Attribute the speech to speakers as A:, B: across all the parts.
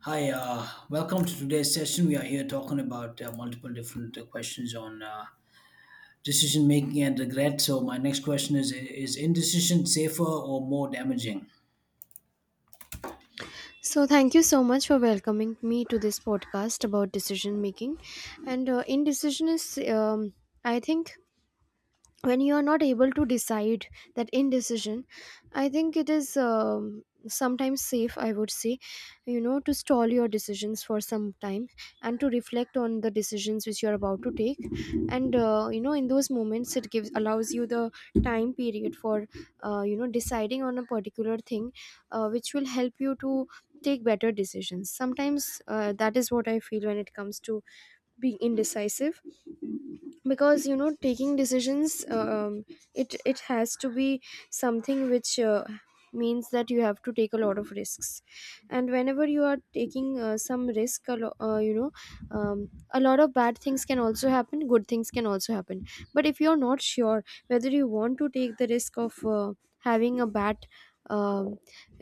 A: Hi, welcome to today's session. We are here talking about multiple different questions on decision making and regret. So, my next question is indecision safer or more damaging?
B: So, thank you so much for welcoming me to this podcast about decision making. And indecision is, I think, when you are not able to decide that indecision I think it is sometimes safe, I would say, you know, to stall your decisions for some time and to reflect on the decisions which you are about to take. And you know, in those moments it gives allows you the time period for you know, deciding on a particular thing, which will help you to take better decisions sometimes. That is what I feel when it comes to being indecisive, because you know, taking decisions, it has to be something which, means that you have to take a lot of risks. And whenever you are taking some risk, you know, a lot of bad things can also happen, good things can also happen. But if you're not sure whether you want to take the risk of having a bad um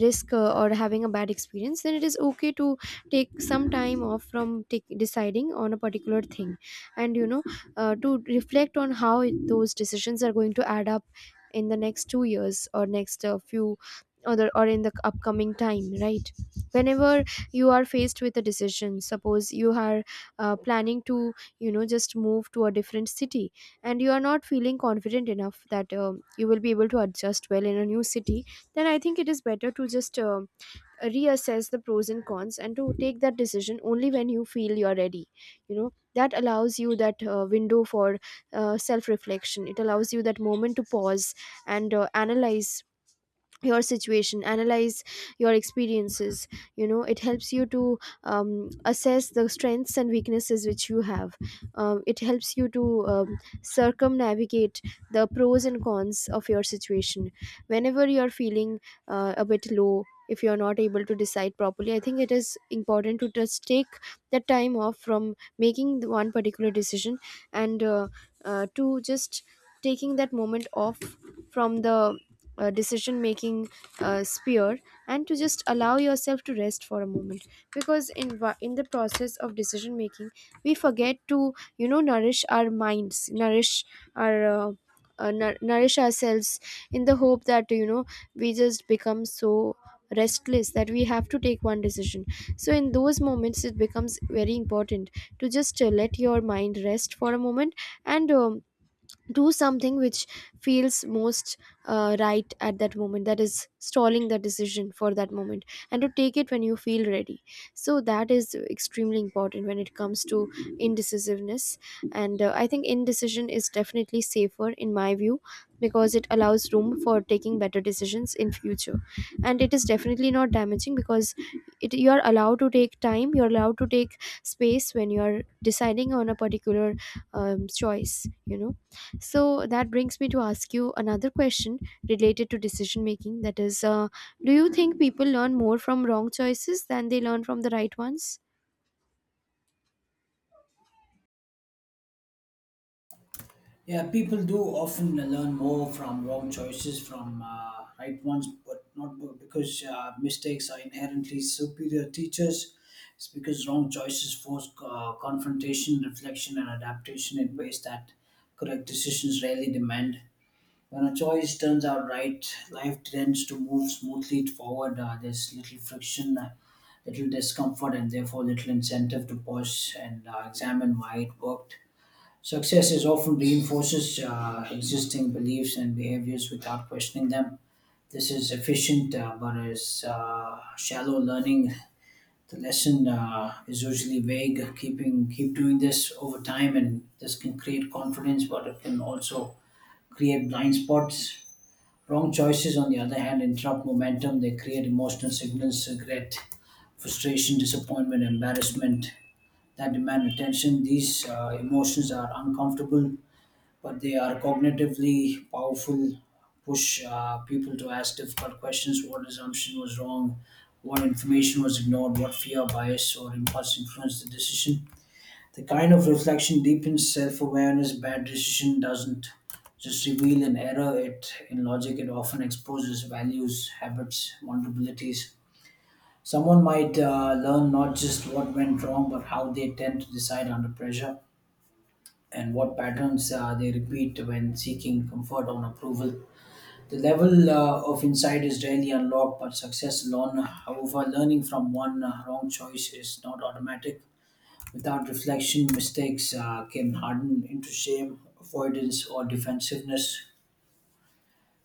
B: risk, or having a bad experience, then it is okay to take some time off from take, deciding on a particular thing. And you know, to reflect on how those decisions are going to add up in the next 2 years or next few other or in the upcoming time, right? Whenever you are faced with a decision, suppose you are planning to, you know, just move to a different city, and you are not feeling confident enough that you will be able to adjust well in a new city, then I think it is better to just reassess the pros and cons and to take that decision only when you feel you're ready. You know, that allows you that window for self reflection. It allows you that moment to pause and analyze your situation, analyze your experiences. You know, it helps you to assess the strengths and weaknesses which you have. It helps you to circumnavigate the pros and cons of your situation. Whenever you're feeling a bit low, if you're not able to decide properly, I think it is important to just take the time off from making the one particular decision, and to just taking that moment off from the decision making sphere, and to just allow yourself to rest for a moment. Because in the process of decision making, we forget to, you know, nourish our minds, nourish our, nourish ourselves in the hope that, you know, we just become so restless that we have to take one decision. So in those moments it becomes very important to just let your mind rest for a moment, and do something which feels most right at that moment. That is stalling the decision for that moment and to take it when you feel ready. So that is extremely important when it comes to indecisiveness. And I think indecision is definitely safer in my view, because it allows room for taking better decisions in future. And it is definitely not damaging because it, you are allowed to take time, you are allowed to take space when you are deciding on a particular choice, you know. So that brings me to ask you another question related to decision making. That is, do you think people learn more from wrong choices than they learn from the right ones?
A: Yeah, people do often learn more from wrong choices from right ones, but not because mistakes are inherently superior teachers. It's because wrong choices force confrontation, reflection, and adaptation in ways that correct decisions rarely demand. When a choice turns out right, life tends to move smoothly forward. There's little friction, little discomfort, and therefore little incentive to pause and examine why it worked. Success is often reinforces existing beliefs and behaviors without questioning them. This is efficient, but is shallow learning. The lesson is usually vague. Keep doing this over time, and this can create confidence, but it can also create blind spots. Wrong choices, on the other hand, interrupt momentum. They create emotional signals, regret, frustration, disappointment, embarrassment that demand attention. These emotions are uncomfortable, but they are cognitively powerful, push people to ask difficult questions: what assumption was wrong, what information was ignored, what fear, bias, or impulse influenced the decision. The kind of reflection deepens self awareness. Bad decision doesn't just reveal an error, it in logic, it often exposes values, habits, vulnerabilities. Someone might learn not just what went wrong, but how they tend to decide under pressure and what patterns they repeat when seeking comfort on approval. The level of insight is rarely unlocked, but success alone, however, learning from one wrong choice is not automatic. Without reflection, mistakes can harden into shame, avoidance, or defensiveness.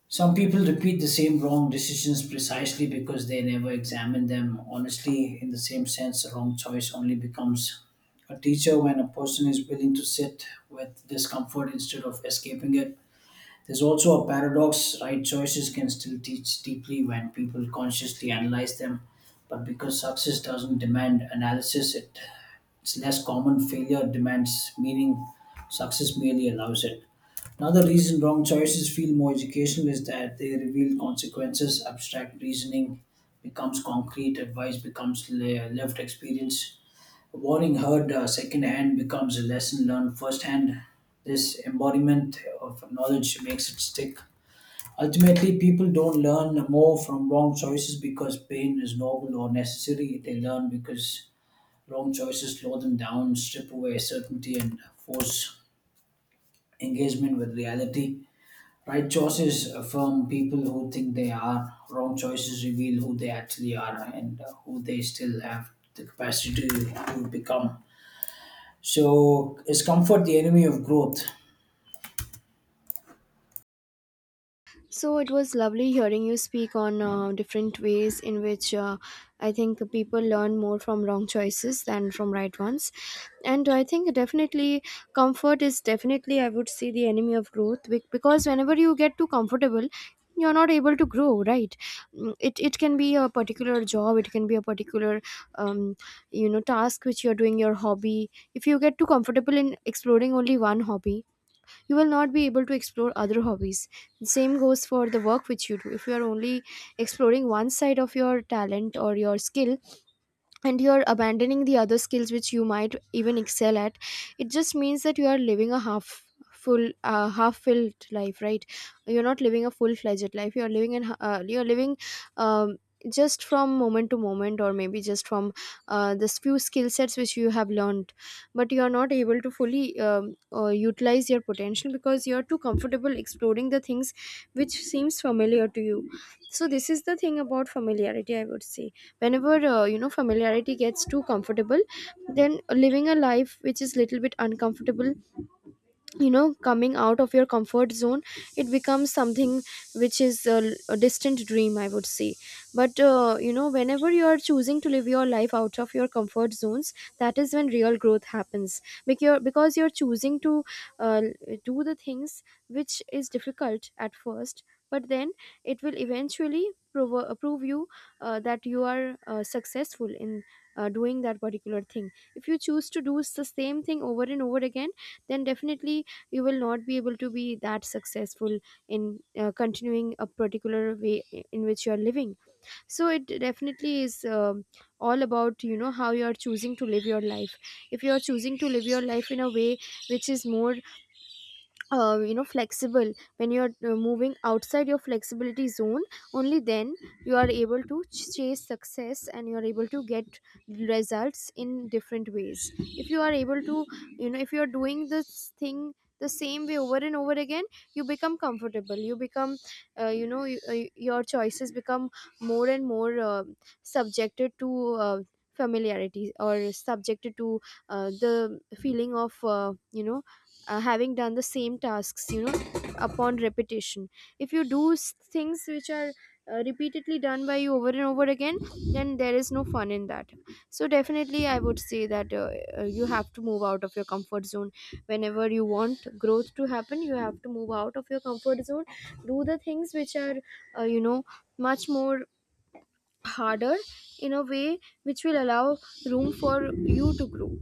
A: Some people repeat the same wrong decisions precisely because they never examine them honestly. In the same sense, a wrong choice only becomes a teacher when a person is willing to sit with discomfort instead of escaping it. There's also a paradox: right choices can still teach deeply when people consciously analyze them, but because success doesn't demand analysis, it's less common. Failure demands meaning. Success merely allows it. Another reason wrong choices feel more educational is that they reveal consequences. Abstract reasoning becomes concrete. Advice becomes lived experience. A warning heard secondhand becomes a lesson learned firsthand. This embodiment of knowledge makes it stick. Ultimately, people don't learn more from wrong choices because pain is novel or necessary. They learn because wrong choices slow them down, strip away certainty, and force engagement with reality. Right choices affirm people who think they are. Wrong choices reveal who they actually are and who they still have the capacity to become. So, is comfort the enemy of growth?
B: So it was lovely hearing you speak on different ways in which, I think, people learn more from wrong choices than from right ones. And I think definitely comfort is definitely, I would say, the enemy of growth because whenever you get too comfortable, you're not able to grow, right? Mm, it can be a particular job, it can be a particular um, you know, task which you're doing, your hobby. If you get too comfortable in exploring only one hobby, you will not be able to explore other hobbies. The same goes for the work which you do. If you are only exploring one side of your talent or your skill, and you're abandoning the other skills which you might even excel at, it just means that you are living a half full, half filled life, right? You're not living a full fledged life. You're living in you're living um, just from moment to moment, or maybe just from this few skill sets which you have learned, but you are not able to fully utilize your potential because you are too comfortable exploring the things which seems familiar to you. So this is the thing about familiarity, I would say. Whenever you know, familiarity gets too comfortable, then living a life which is little bit uncomfortable, you know, coming out of your comfort zone, it becomes something which is a distant dream, I would say. But you know, whenever you are choosing to live your life out of your comfort zones, that is when real growth happens, because because you're choosing to do the things which is difficult at first, but then it will eventually prove you that you are successful in doing that particular thing. If you choose to do the same thing over and over again, then definitely you will not be able to be that successful in continuing a particular way in which you are living. So it definitely is all about, you know, how you are choosing to live your life. If you are choosing to live your life in a way which is more you know, flexible, when you're moving outside your flexibility zone, only then you are able to chase success and you are able to get results in different ways. If you are able to, you know, if you are doing this thing the same way over and over again, you become comfortable, you become you know, your choices become more and more subjected to familiarity, or subjected to the feeling of you know, having done the same tasks, you know, upon repetition. If you do things which are repeatedly done by you over and over again, then there is no fun in that. So definitely I would say that you have to move out of your comfort zone. Whenever you want growth to happen, you have to move out of your comfort zone, do the things which are you know, much more harder, in a way which will allow room for you to grow.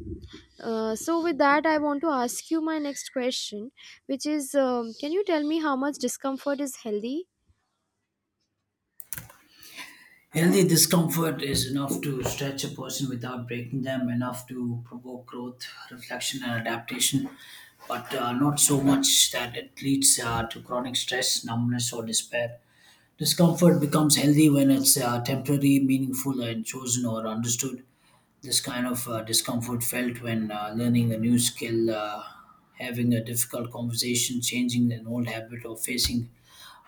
B: So, with that, I want to ask you my next question, which is can you tell me how much discomfort is healthy?
A: Healthy discomfort is enough to stretch a person without breaking them, enough to provoke growth, reflection, and adaptation, but not so much that it leads to chronic stress, numbness, or despair. Discomfort becomes healthy when it's temporary, meaningful, and chosen or understood. This kind of discomfort felt when learning a new skill, having a difficult conversation, changing an old habit, or facing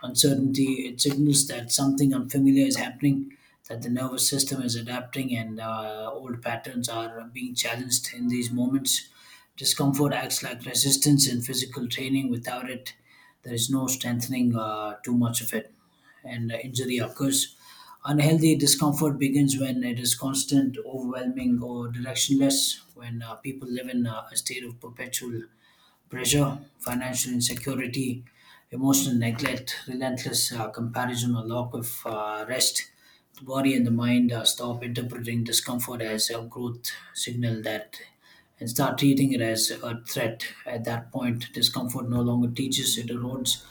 A: uncertainty. It signals that something unfamiliar is happening, that the nervous system is adapting, and old patterns are being challenged in these moments. Discomfort acts like resistance in physical training. Without it, there is no strengthening too much of it and injury occurs. Unhealthy discomfort begins when it is constant, overwhelming, or directionless, when people live in a state of perpetual pressure, financial insecurity, emotional neglect, relentless comparison, or lack of rest. The body and the mind stop interpreting discomfort as a growth signal that and start treating it as a threat. At that point, discomfort no longer teaches, it erodes.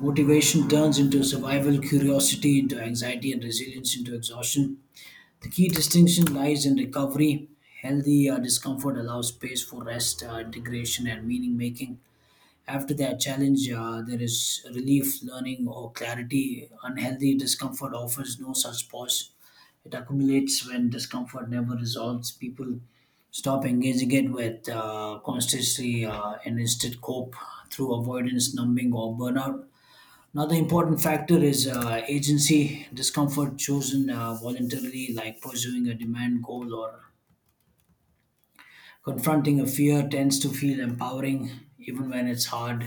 A: Motivation turns into survival, curiosity into anxiety, and resilience into exhaustion. The key distinction lies in recovery. Healthy discomfort allows space for rest, integration, and meaning making. After that challenge, there is relief, learning, or clarity. Unhealthy discomfort offers no such pause. It accumulates when discomfort never resolves. People stop engaging it with consciously and instead cope through avoidance, numbing, or burnout. Another important factor is agency discomfort chosen voluntarily, like pursuing a demand goal or confronting a fear, tends to feel empowering even when it's hard.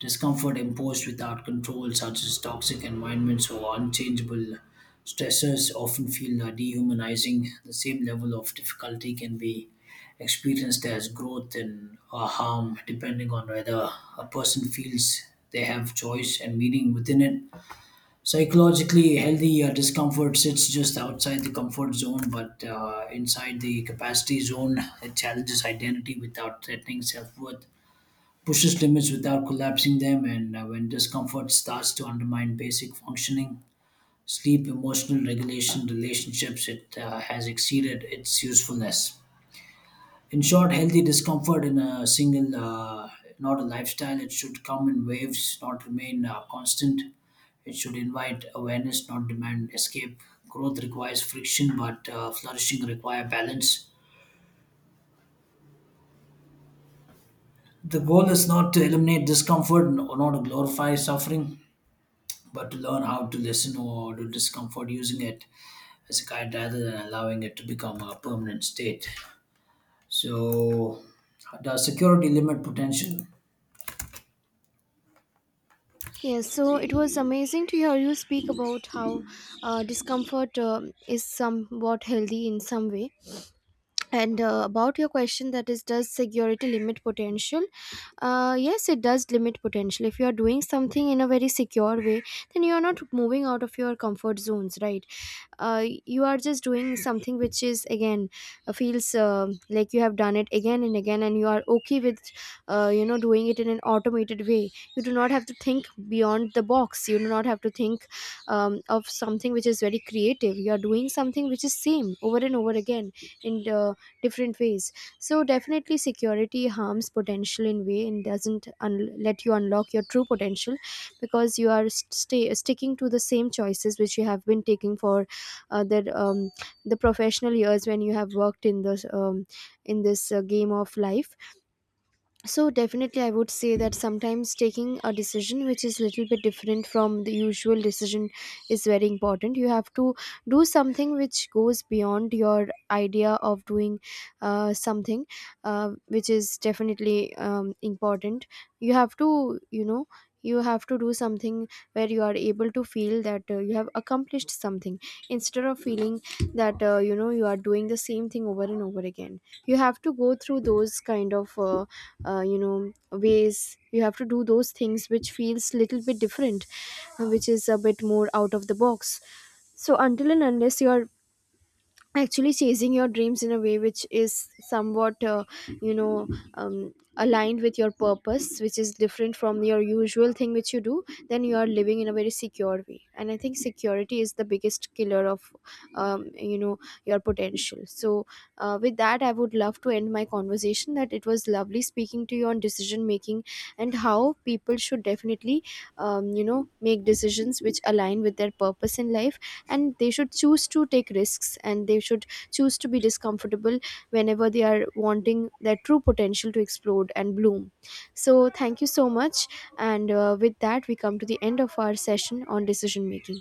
A: Discomfort imposed without control, such as toxic environments or unchangeable stressors, often feel dehumanizing. The same level of difficulty can be experienced as growth and or harm, depending on whether a person feels they have choice and meaning within it. Psychologically, healthy discomfort sits just outside the comfort zone, but inside the capacity zone, it challenges identity without threatening self worth, pushes limits without collapsing them, and when discomfort starts to undermine basic functioning, sleep, emotional regulation, relationships, it has exceeded its usefulness. In short, healthy discomfort in a single, not a lifestyle. It should come in waves, not remain constant. It should invite awareness, not demand escape. Growth requires friction, but flourishing require balance. The goal is not to eliminate discomfort or not to glorify suffering, but to learn how to listen or to discomfort using it as a guide rather than allowing it to become a permanent state. So, does security limit potential?
B: Yes, so it was amazing to hear you speak about how discomfort is somewhat healthy in some way. And about your question, that is, does security limit potential? Yes, it does limit potential. If you are doing something in a very secure way, then you are not moving out of your comfort zones, right? You are just doing something which is again feels like you have done it again and again, and you are okay with, you know, doing it in an automated way. You do not have to think beyond the box, you do not have to think of something which is very creative. You are doing something which is same over and over again, and different ways. So definitely security harms potential in way and doesn't let you unlock your true potential, because you are sticking to the same choices which you have been taking for uh, the um, the professional years when you have worked in this, in this game of life. So definitely I would say that sometimes taking a decision which is little bit different from the usual decision is very important. You have to do something which goes beyond your idea of doing something, which is definitely important. You have to, you know, you have to do something where you are able to feel that you have accomplished something, instead of feeling that, you know, you are doing the same thing over and over again. You have to go through those kind of you know, ways. You have to do those things which feels little bit different, which is a bit more out of the box. So until and unless you are actually chasing your dreams in a way which is somewhat you know, aligned with your purpose, which is different from your usual thing which you do, then you are living in a very secure way. And I think security is the biggest killer of, you know, your potential. So with that, I would love to end my conversation. That it was lovely speaking to you on decision making, and how people should definitely, you know, make decisions which align with their purpose in life, and they should choose to take risks, and they should choose to be discomfortable whenever they are wanting their true potential to explode and bloom. So thank you so much. And with that, we come to the end of our session on decision making.